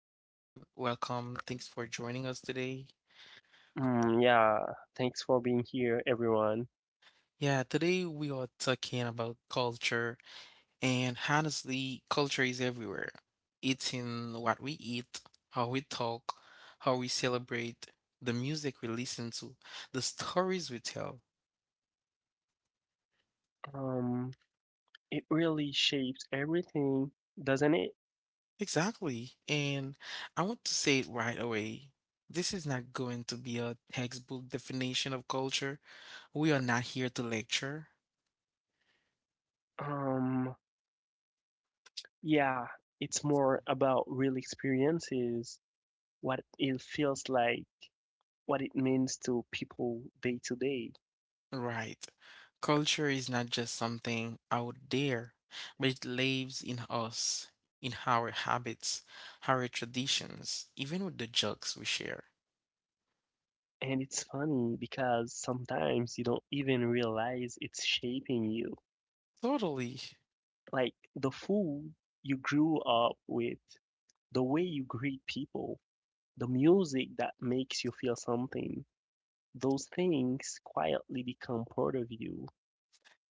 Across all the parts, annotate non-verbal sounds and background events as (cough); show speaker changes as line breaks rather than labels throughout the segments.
everyone. Welcome. Thanks for joining us today.
Mm, yeah, thanks for being here, everyone.
Yeah, today we are talking about culture, and honestly, culture is everywhere. It's in what we eat, how we talk, how we celebrate, the music we listen to, the stories we tell.
Um, it really shapes everything, doesn't it?
Exactly. And I want to say it right away. This is not going to be a textbook definition of culture. We are not here to lecture.
Um, yeah, it's more about real experiences, what it feels like, what it means to people day to day.
Right. Culture is not just something out there, but it lives in us, in our habits, our traditions, even with the jokes we share.
And it's funny because sometimes you don't even realize it's shaping you.
Totally.
Like the food you grew up with, the way you greet people, the music that makes you feel something. Those things quietly become part of you.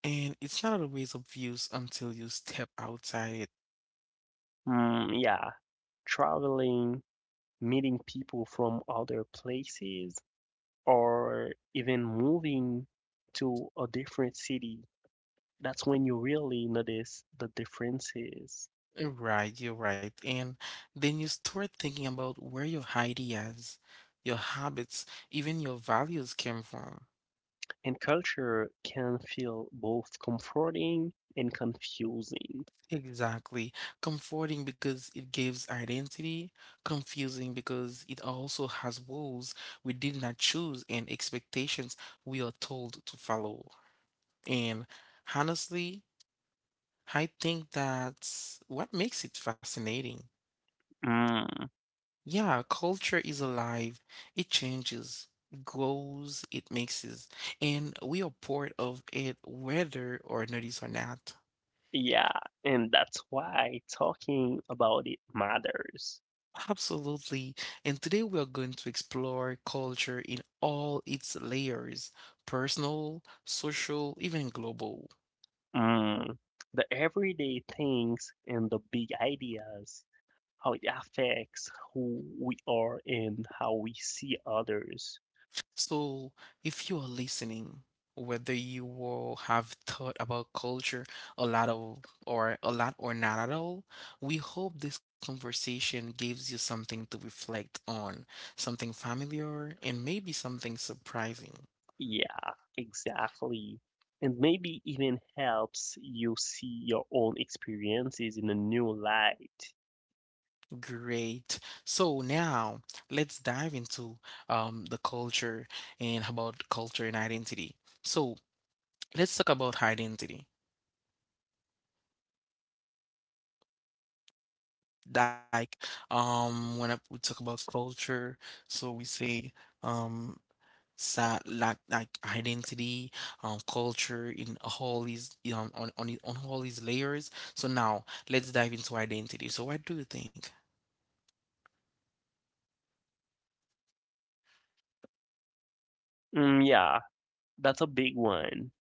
And it's not always obvious until you step outside it.
Mm, yeah, traveling, meeting people from other places, or even moving to a different city. That's when you really notice the differences.
Right, you're right. And then you start thinking about where your ideas, your habits, even your values came from.
And culture can feel both comforting and confusing.
Exactly. Comforting because it gives identity, confusing because it also has rules we did not choose and expectations we are told to follow. And honestly, I think that's what makes it fascinating.
Mm,
Yeah, culture is alive, it changes, it grows, it mixes, and we are part of it whether or notice or not.
yeah, and that's why talking about it matters.
Absolutely. And today we are going to explore culture in all its layers, personal, social, even global.
Mm. The everyday things and the big ideas, how it affects who we are and how we see others.
So, if you are listening, whether you will have thought about culture a lot of or a lot or not at all, we hope this conversation gives you something to reflect on, something familiar and maybe something surprising.
Yeah, exactly. And maybe even helps you see your own experiences in a new light.
Great. So now let's dive into the culture and about culture and identity. So let's talk about identity. Like we talk about culture, so we say um, sa like identity, culture in all these on all these layers. So now let's dive into identity. So what do you think?
Mm, yeah, that's a big one.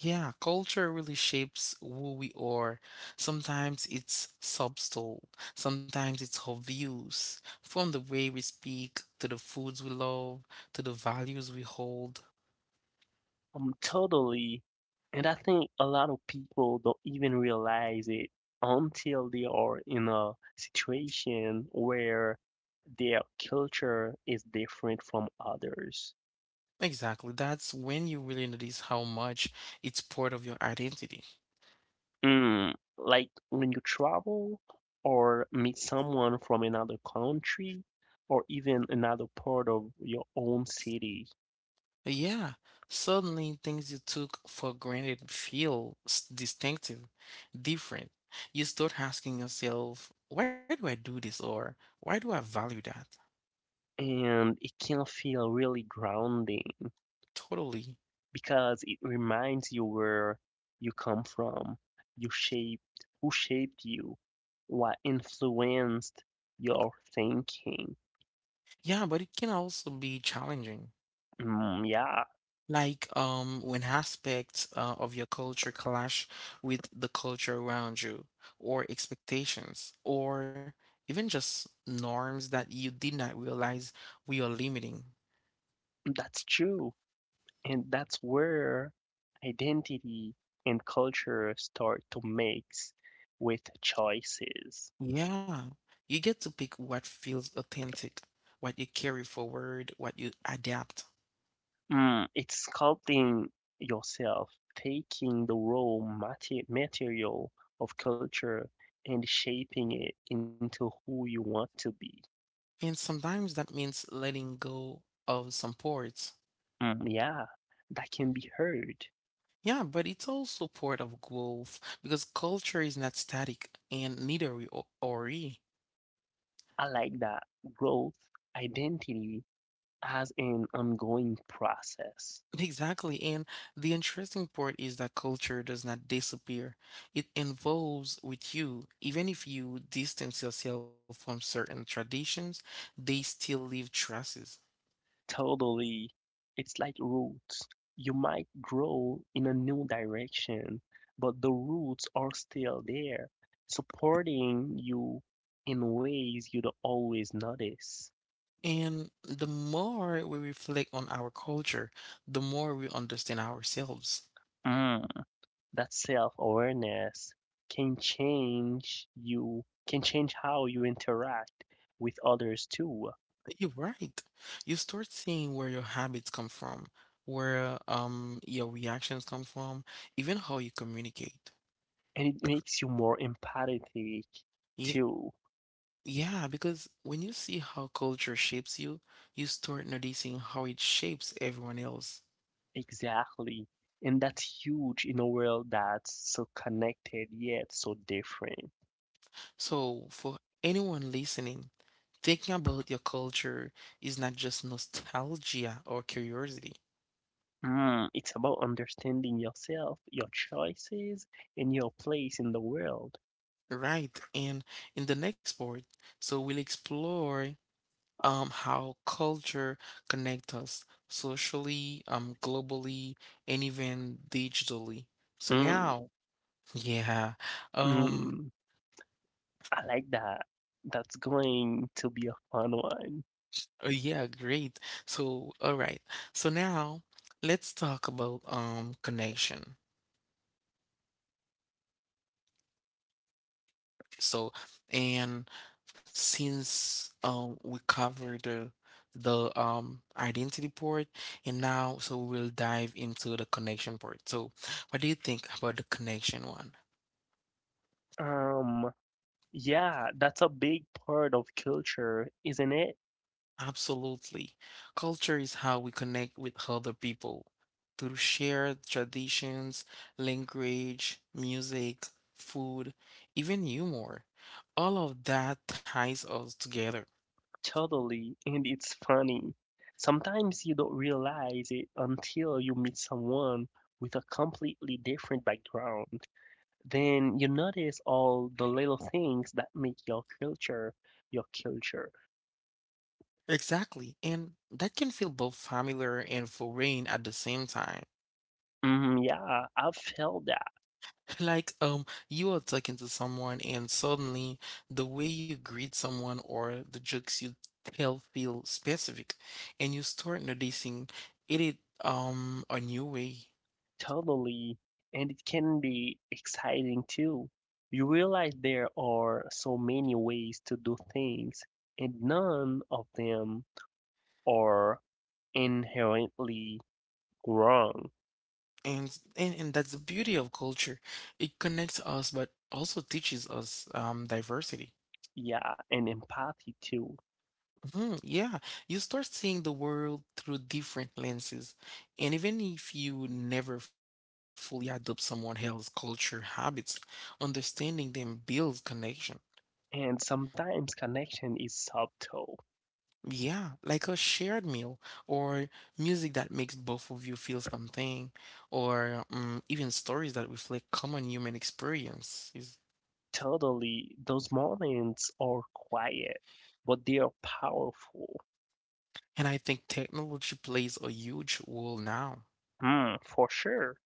Yeah, culture really shapes who we are. Sometimes it's subtle, sometimes it's obvious, from the way we speak to the foods we love to the values we hold.
Totally. And I think a lot of people don't even realize it until they are in a situation where their culture is different from others.
Exactly. That's when you really notice how much it's part of your identity.
Like when you travel or meet someone from another country or even another part of your own city,
Yeah, suddenly things you took for granted distinctive, different. You start asking yourself, why do I do this? Or why do I value that?
and it can feel really grounding.
Totally.
Because it reminds you where you come from, you shaped who shaped you, what influenced your thinking.
Yeah, but it can also be challenging.
Mm, yeah,
Like when aspects of your culture clash with the culture around you, or expectations, or even just norms that you did not realize we are limiting.
that's true. And that's where identity and culture start to mix with choices.
Yeah, you get to pick what feels authentic, what you carry forward, what you adapt.
It's sculpting yourself, taking the raw material of culture and shaping it into who you want to be.
And sometimes that means letting go of some parts.
Mm, yeah, that can be heard.
Yeah, but it's also part of growth because culture is not static and neither are we.
I like that. Growth, identity as an ongoing process.
(laughs) Exactly. And the interesting part is that culture does not disappear. It evolves with you. Even if you distance yourself from certain traditions, they still leave traces.
Totally. It's like roots. You might grow in a new direction, but the roots are still there, supporting you in ways you don't always notice.
And the more we reflect on our culture, the more we understand ourselves.
Mm, That self-awareness can change you, can change how you interact with others too.
You're right. You start seeing where your habits come from, where your reactions come from, even how you communicate.
And it makes you more empathetic
Yeah,
too.
yeah, because when you see how culture shapes you, you start noticing how it shapes everyone else.
Exactly. And that's huge in a world that's so connected yet so different.
So, for anyone listening, thinking about your culture is not just nostalgia or curiosity.
It's about understanding yourself, your choices, and your place in the world.
Right, and in the next part, so we'll explore how culture connects us socially, globally, and even digitally. So
Mm,
now, (laughs) yeah, um,
mm, I like that. That's going to be a fun one.
yeah, great. So, all right. So now, let's talk about connection. So, and since we covered the identity part, and now so we'll dive into the connection part. So, what do you think about the connection one?
Um, yeah, that's a big part of culture, isn't it?
Absolutely. Culture is how we connect with other people through shared traditions, language, music, food, even humor. All of that ties us together.
Totally, and it's funny. Sometimes you don't realize it until you meet someone with a completely different background. Then you notice all the little things that make your culture your culture.
Exactly. And that can feel both familiar and foreign at the same time.
Mhm, yeah, I've felt that.
(laughs) Like, you are talking to someone and suddenly the way you greet someone or the jokes you tell feel specific and you start noticing it a new way.
Totally, and it can be exciting too. You realize there are so many ways to do things, and none of them are inherently wrong.
And that's the beauty of culture. It connects us but also teaches us diversity.
Yeah, and empathy too.
Mhm, yeah, you start seeing the world through different lenses. And even if you never fully adopt someone else's culture habits, understanding them builds connection.
And sometimes connection is subtle.
Yeah, like a shared meal or music that makes both of you feel something, or even stories that reflect common human experiences.
Totally, those moments are quiet, but they are powerful.
And I think technology plays a huge role now.
Hmm, for sure.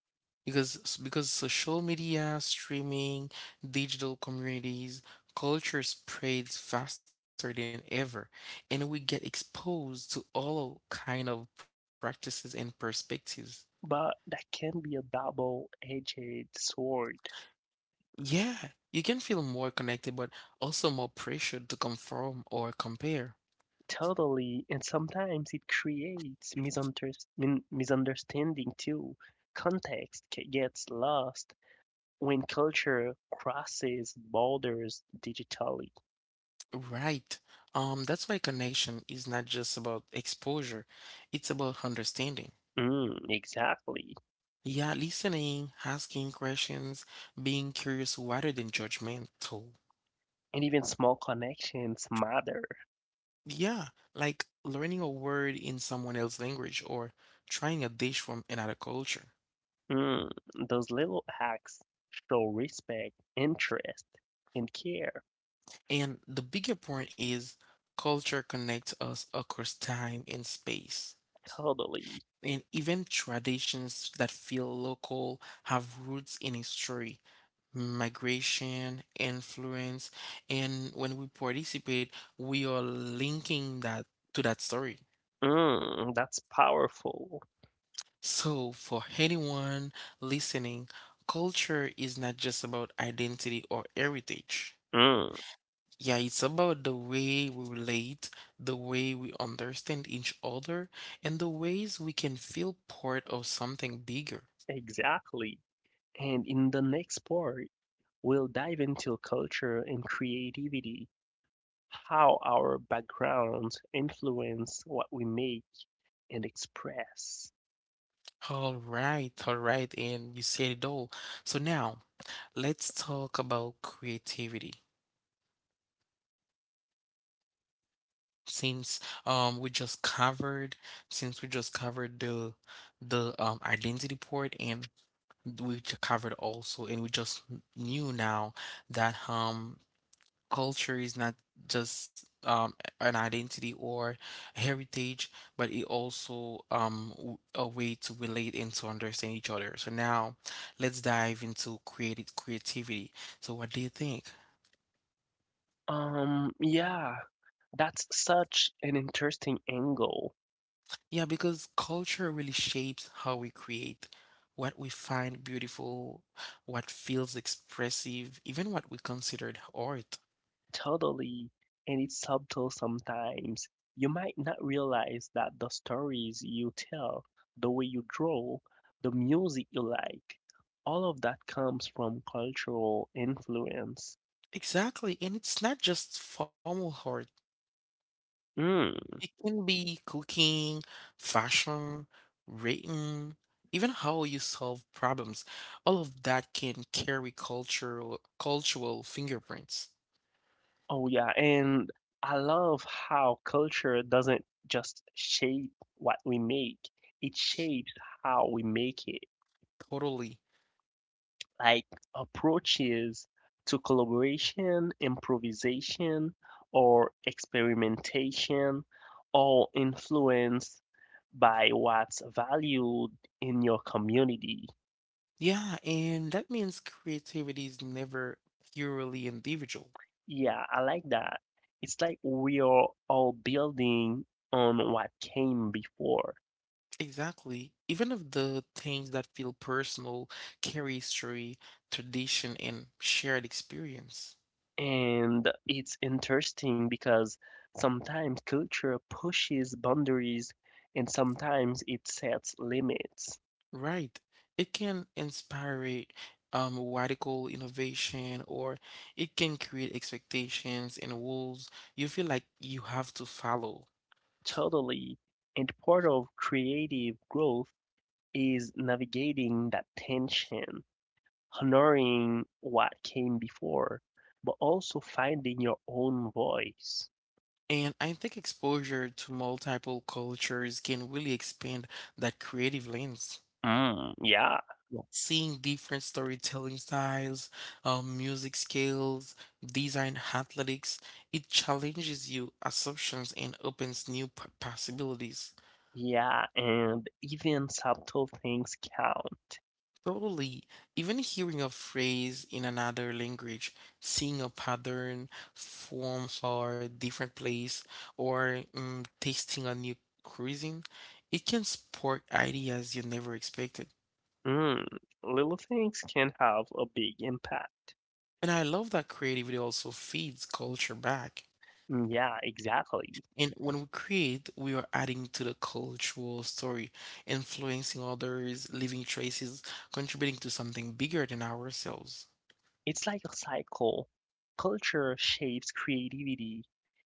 Because social media, streaming, digital communities, culture spreads faster than ever, and we get exposed to all kind of practices and perspectives.
But that can be a double-edged sword.
Yeah, you can feel more connected, but also more pressured to conform or compare.
Totally, and sometimes it creates misunderstanding too. Context gets lost when culture crosses borders digitally.
Right. That's why connection is not just about exposure, it's about understanding.
Mm, exactly.
Yeah, listening, asking questions, being curious rather than judgmental.
And even small connections matter.
Yeah, like learning a word in someone else's language or trying a dish from another culture.
Mm, those little acts show respect, interest, and care.
And the bigger point is culture connects us across time and space.
Totally.
And even traditions that feel local have roots in history, migration, influence, and when we participate, we are linking that to that story.
That's powerful.
So, for anyone listening, culture is not just about identity or heritage.
Mm,
Yeah, it's about the way we relate, the way we understand each other, and the ways we can feel part of something bigger.
exactly. And in the next part, we'll dive into culture and creativity, how our backgrounds influence what we make and express.
All right, and you said it all. So now let's talk about creativity. Since we just covered, since we just covered the identity part and covered also, and we just knew now that culture is not just an identity or heritage, but it also a way to relate and to understand each other. So now let's dive into creative creativity. So what do you think?
Yeah, that's such an interesting angle.
Yeah, because culture really shapes how we create. What we find beautiful, what feels expressive, even what we considered art.
Totally, and it's subtle sometimes. You might not realize that the stories you tell, the way you draw, the music you like, all of that comes from cultural influence.
Exactly. And it's not just formal art. It
Mm.
can be cooking, fashion, written, even how you solve problems. All of that can carry cultural fingerprints.
Oh, yeah, and I love how culture doesn't just shape what we make, it shapes how we make it.
Totally.
Like approaches to collaboration, improvisation, or experimentation, all influenced by what's valued in your community.
Yeah, and that means creativity is never purely individual.
Yeah, I like that. It's like we are all building on what came before.
Exactly. Even if the things that feel personal carry history, tradition, and shared experience.
And it's interesting because sometimes culture pushes boundaries and sometimes it sets limits.
Right. It can inspire radical innovation or it can create expectations and rules you feel like you have to follow.
Totally. And part of creative growth is navigating that tension, honoring what came before, but also finding your own voice.
And I think exposure to multiple cultures can really expand that creative lens.
Mm, yeah,
Yes. Seeing different storytelling styles, music skills, design, athletics, it challenges you assumptions and opens possibilities.
yeah, and even subtle things count.
Totally. Even hearing a phrase in another language, seeing a pattern, form for a different place, or tasting a new cuisine, it can spark ideas you never expected.
Mm, Little things can have a big impact.
And I love that creativity also feeds culture back.
Mm, yeah, exactly.
And when we create, we are adding to the cultural story, influencing others, leaving traces, contributing to something bigger than ourselves.
It's like a cycle. Culture shapes creativity,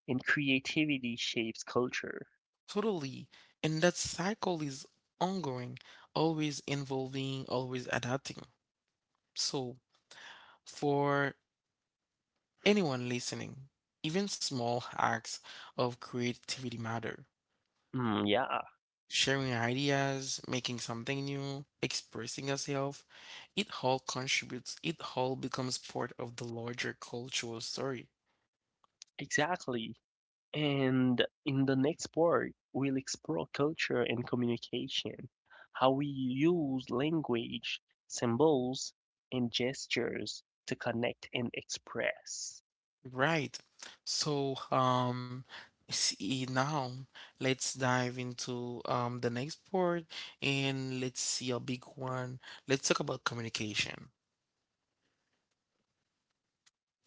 and creativity shapes culture.
Totally. And that cycle is ongoing, always involving, always adapting. So, for anyone listening, even small acts of creativity matter.
Mm, yeah,
Sharing ideas, making something new, expressing yourself, it all contributes, it all becomes part of the larger cultural story.
exactly. And in the next part, we'll explore culture and communication, how we use language, symbols, and gestures to connect and express.
Right. So, see now, let's dive into the next part and let's see a big one. Let's talk about communication.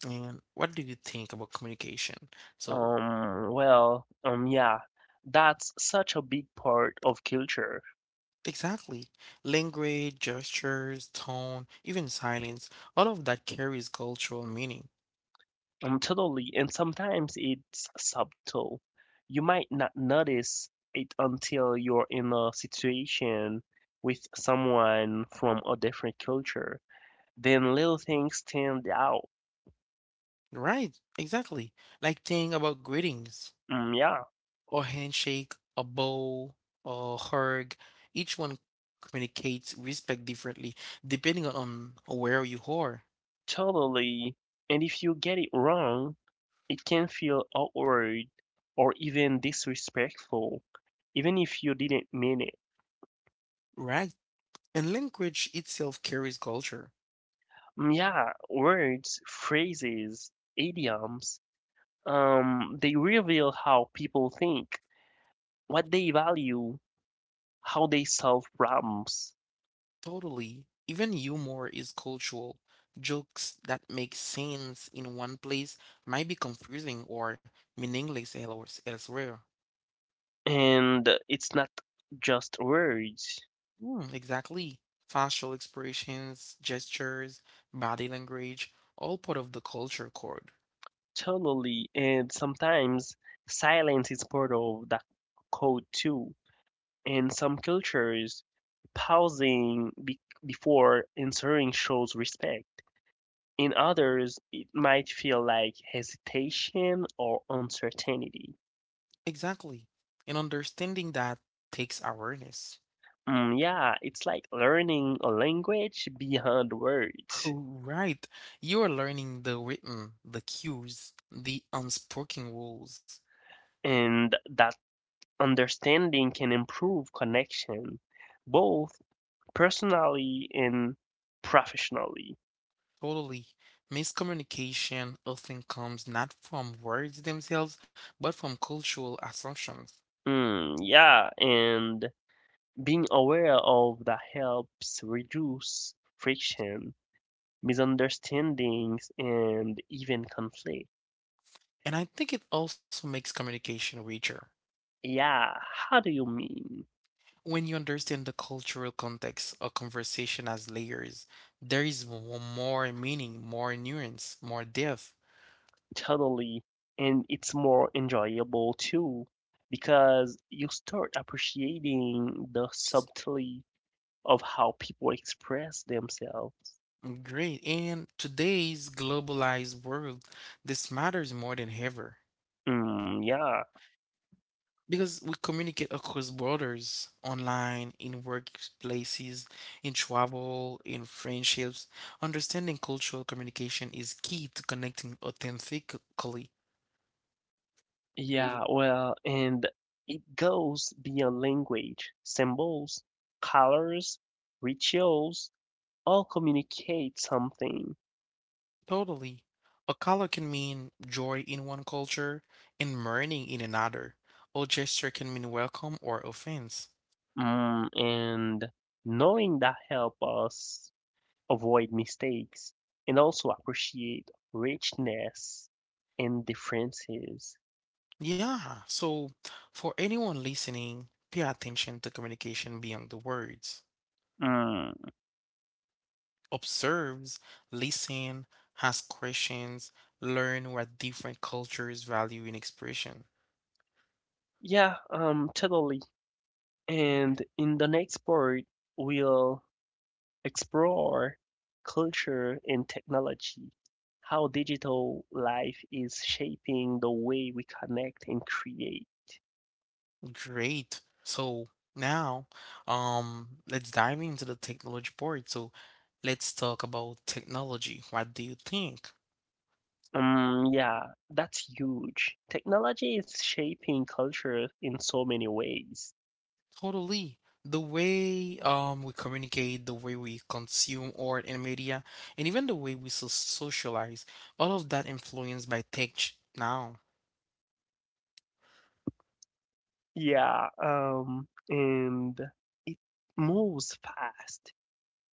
And what do you think about communication? So,
Well, yeah, that's such a big part of culture.
exactly, language, gestures, tone, even silence, all of that carries cultural meaning.
Totally. And sometimes it's subtle. You might not notice it until you're in a situation with someone from a different culture. Then little things stand out.
Right, exactly. Like think about greetings
Mm, yeah,
or handshake, a bow or hug. Each one communicates respect differently depending on where you are,
totally. And if you get it wrong, it can feel awkward or even disrespectful, even if you didn't mean it.
right? And language itself carries culture.
Mm, yeah, words, phrases, idioms, they reveal how people think, what they value, how they solve problems.
Totally. Even humor is cultural. Jokes that make sense in one place might be confusing or elsewhere.
And it's not just words,
Mm, exactly. Facial expressions, gestures, body language, all part of the culture code.
totally. And sometimes silence is part of that code too. In some cultures, pausing before answering shows respect. In others, it might feel like hesitation or uncertainty.
Exactly. And understanding that takes awareness.
Mm, yeah, it's like learning a language beyond
(laughs)
words,
Oh, right. You are learning the written, the cues, the unspoken rules.
and that understanding can improve connection, both personally and professionally.
Totally. Miscommunication often comes not from words themselves, but from cultural assumptions.
Mm, yeah, and being aware of that helps reduce friction, misunderstandings, and even conflict.
And I think it also makes communication richer.
Yeah, how do you mean?
When you understand the cultural context of conversation as layers, there is more meaning, more nuance, more depth.
Totally, and it's more enjoyable too because you start appreciating the subtlety of how people express themselves.
Great. And today's globalized world, this matters more than ever
Mm, yeah,
because we communicate across borders, online, in workplaces, in travel, in friendships. Understanding cultural communication is key to connecting authentically.
yeah, well, and it goes beyond language, symbols, colors, rituals, all communicate something.
Totally. A color can mean joy in one culture and mourning in another. A gesture can mean welcome or offense.
And knowing that help us avoid mistakes, and also appreciate richness and differences.
Yeah, so for anyone listening, pay attention to communication beyond the words.
Mm,
Observe, listen, ask questions, learn what different cultures value in expression.
yeah, totally. And in the next part, we'll explore culture and technology, how digital life is shaping the way we connect and create.
Great. So now, let's dive into the technology part. So let's talk about technology. What do you think?
Yeah, that's huge. Technology is shaping culture in so many ways.
Totally. The way we communicate, the way we consume art and media, and even the way we socialize, all of that influenced by tech now.
Yeah, and it moves fast.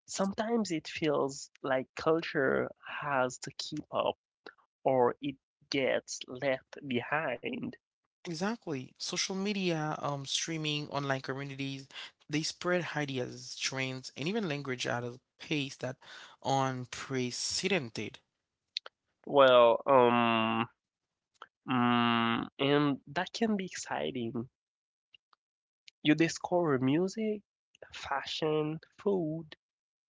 Sometimes it feels like culture has to keep up or it gets left behind.
Exactly. Social media, streaming, online communities, they spread ideas, trends, and even language at a pace that unprecedented.
Well, and that can be exciting. You discover music, fashion, food,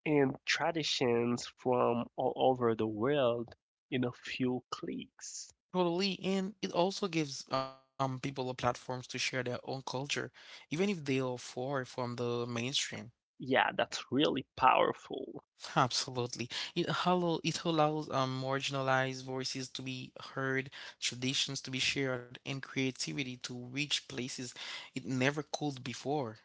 and traditions from all over the world in a few clicks.
Totally, and it also gives people a platforms to share their own culture, even if they are far from the mainstream.
Yeah, that's really powerful.
(laughs) Absolutely. It allows marginalized voices to be heard, traditions to be shared, and creativity to reach places it never could before.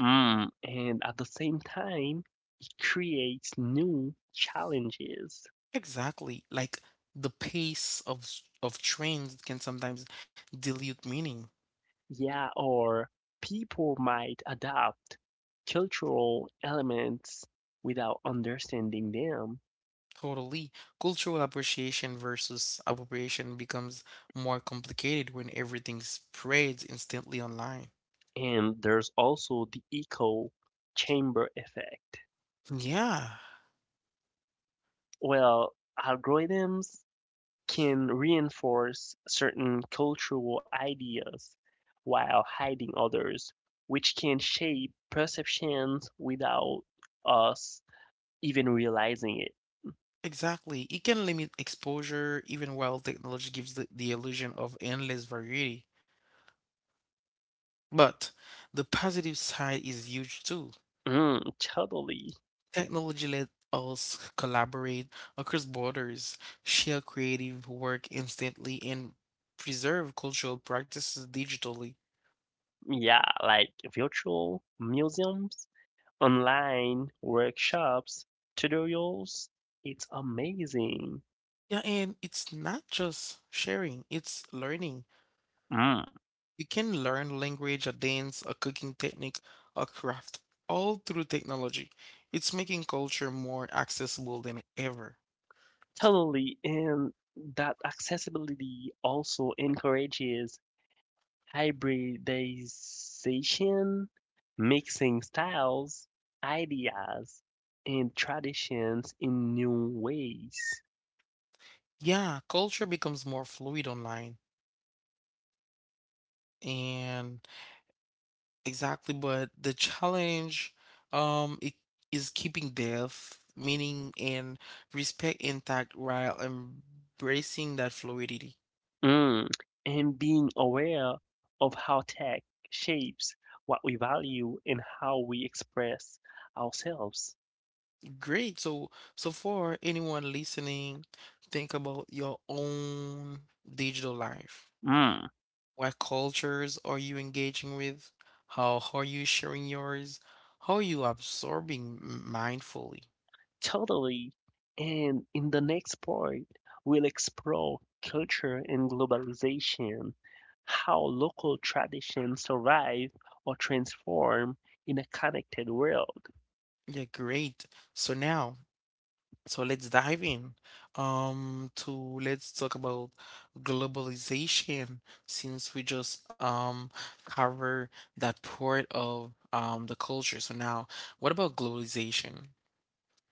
And at the same time, it creates new challenges.
Exactly. Like the pace of of trends can sometimes dilute meaning.
Yeah, or people might adopt cultural elements without understanding them.
Totally. Cultural appreciation versus appropriation becomes more complicated when everything spreads instantly online.
And there's also the echo chamber effect.
Yeah,
Well, algorithms can reinforce certain cultural ideas while hiding others, which can shape perceptions without us even realizing it.
exactly. It can limit exposure even while technology gives the illusion of endless variety. But the positive side is huge too.
Mm, totally.
Technology lets us collaborate across borders, share creative work instantly, and preserve cultural practices digitally.
Yeah, like virtual museums, online workshops, tutorials. It's amazing.
Yeah, and it's not just sharing, it's learning.
Mm,
You can learn language, a dance, a cooking technique, a craft, all through technology. It's making culture more accessible than ever.
totally. And that accessibility also encourages hybridization, mixing styles, ideas, and traditions in new ways.
Yeah, culture becomes more fluid online. And Exactly, but the challenge it is keeping depth, meaning and respect intact while embracing that fluidity.
Mm, and being aware of how tech shapes what we value and how we express ourselves.
Great. So for anyone listening, think about your own digital life.
Mm,
What cultures are you engaging with? How are you sharing yours? How are you absorbing mindfully?
totally. And in the next part, we'll explore culture and globalization, how local traditions survive or transform in a connected world.
Yeah, great. So now So let's dive in to let's talk about globalization since we just cover that part of the culture. So now what about globalization?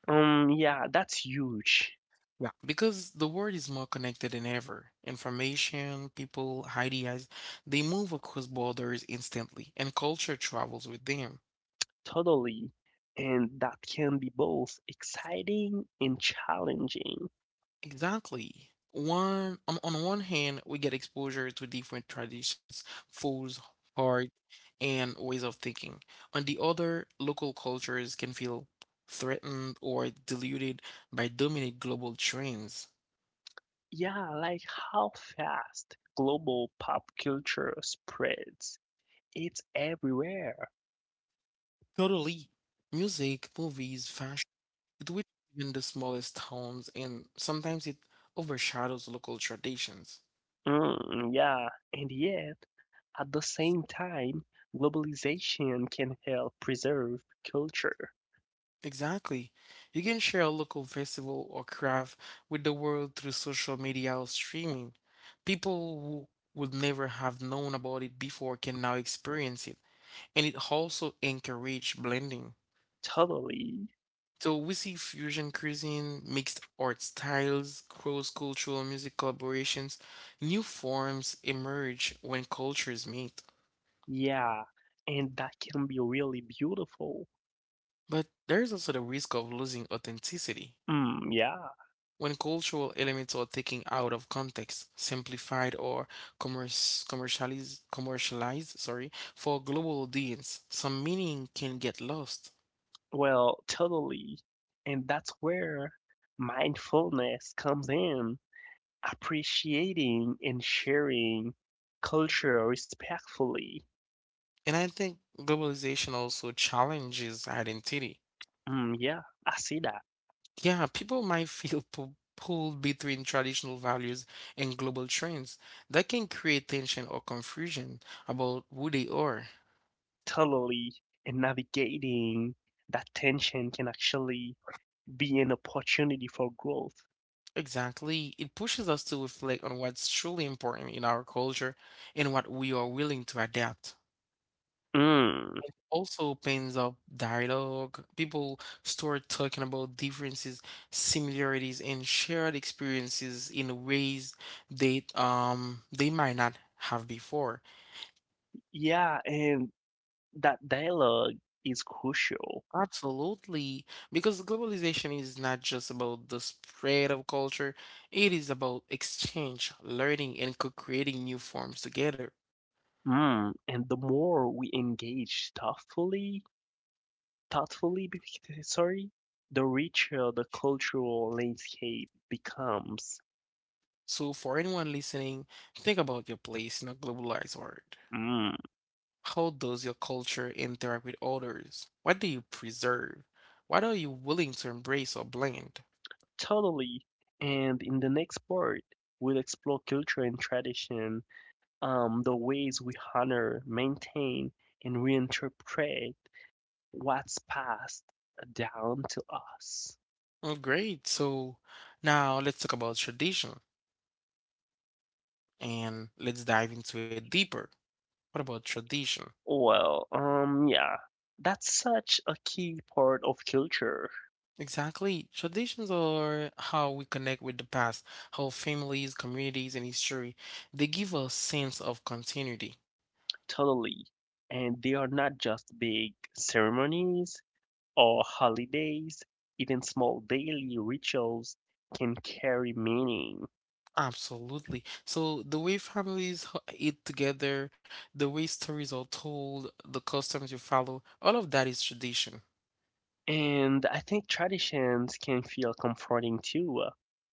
Yeah, that's huge.
Yeah. Because the world is more connected than ever. Information, people, ideas, they move across borders instantly, and culture travels with them.
Totally. And that can be both exciting and challenging.
Exactly. On one hand, we get exposure to different traditions, foods, art, and ways of thinking. On the other, local cultures can feel threatened or diluted by dominant global trends.
Yeah, like how fast global pop culture spreads. It's everywhere.
Totally. Music, movies, fashion, it which even the smallest towns and sometimes it overshadows local traditions.
Mm, yeah, and yet, at the same time, globalization can help preserve culture.
Exactly. You can share a local festival or craft with the world through social media or streaming. People who would never have known about it before can now experience it, and it also encourage blending.
Totally.
So we see fusion cuisine, mixed art styles, cross-cultural music collaborations, new forms emerge when cultures meet.
Yeah, and that can be really beautiful.
But there's also the risk of losing authenticity.
Mm, yeah,
When cultural elements are taken out of context, simplified or commercialized, sorry, for global audience, some meaning can get lost.
well, totally. And that's where mindfulness comes in. Appreciating and sharing culture respectfully.
And I think globalization also challenges identity.
Mm, yeah, I see that.
Yeah, people might (laughs) feel pulled between traditional values and global trends. That can create tension or confusion about who they are.
Totally. And navigating that tension can actually be an opportunity for growth.
Exactly. It pushes us to reflect on what's truly important in our culture and what we are willing to adapt.
Mm,
Also opens up dialogue. People start talking about differences, similarities, and shared experiences in ways that they might not have before.
yeah, and that dialogue is crucial.
Absolutely. Because globalization is not just about the spread of culture, it is about exchange, learning, and co-creating new forms together.
And the more we engage thoughtfully, sorry, the richer the cultural landscape becomes.
So, for anyone listening, think about your place in a globalized world.
Mm.
How does your culture interact with others? What do you preserve? What are you willing to embrace or blend?
Totally. And in the next part, we'll explore culture and tradition, the ways we honor, maintain, and reinterpret what's passed down to us.
Oh, great. So, now let's talk about tradition and let's dive into it deeper. What about tradition?
Well, yeah, that's such a key part of culture.
Exactly. Traditions are how we connect with the past, how families, communities, and history, they give a sense of continuity.
Totally. And they are not just big ceremonies or holidays, even small daily rituals can carry meaning.
Absolutely. So the way families eat together, the way stories are told, the customs you follow, all of that is tradition.
And I think traditions can feel comforting too.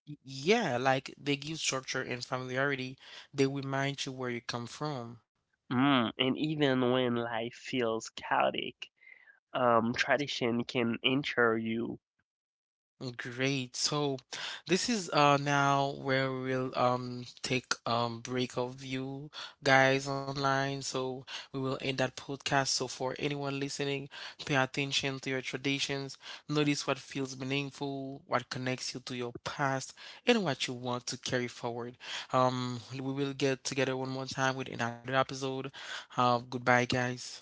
Yeah, like they give structure and familiarity. They remind you where you come from.
And even when life feels chaotic, tradition can ensure you
Great. So this is now where we'll take break of you guys online. So we will end that podcast. So for anyone listening, pay attention to your traditions. Notice what feels meaningful, what connects you to your past, and what you want to carry forward. We will get together one more time with another episode. Goodbye, guys.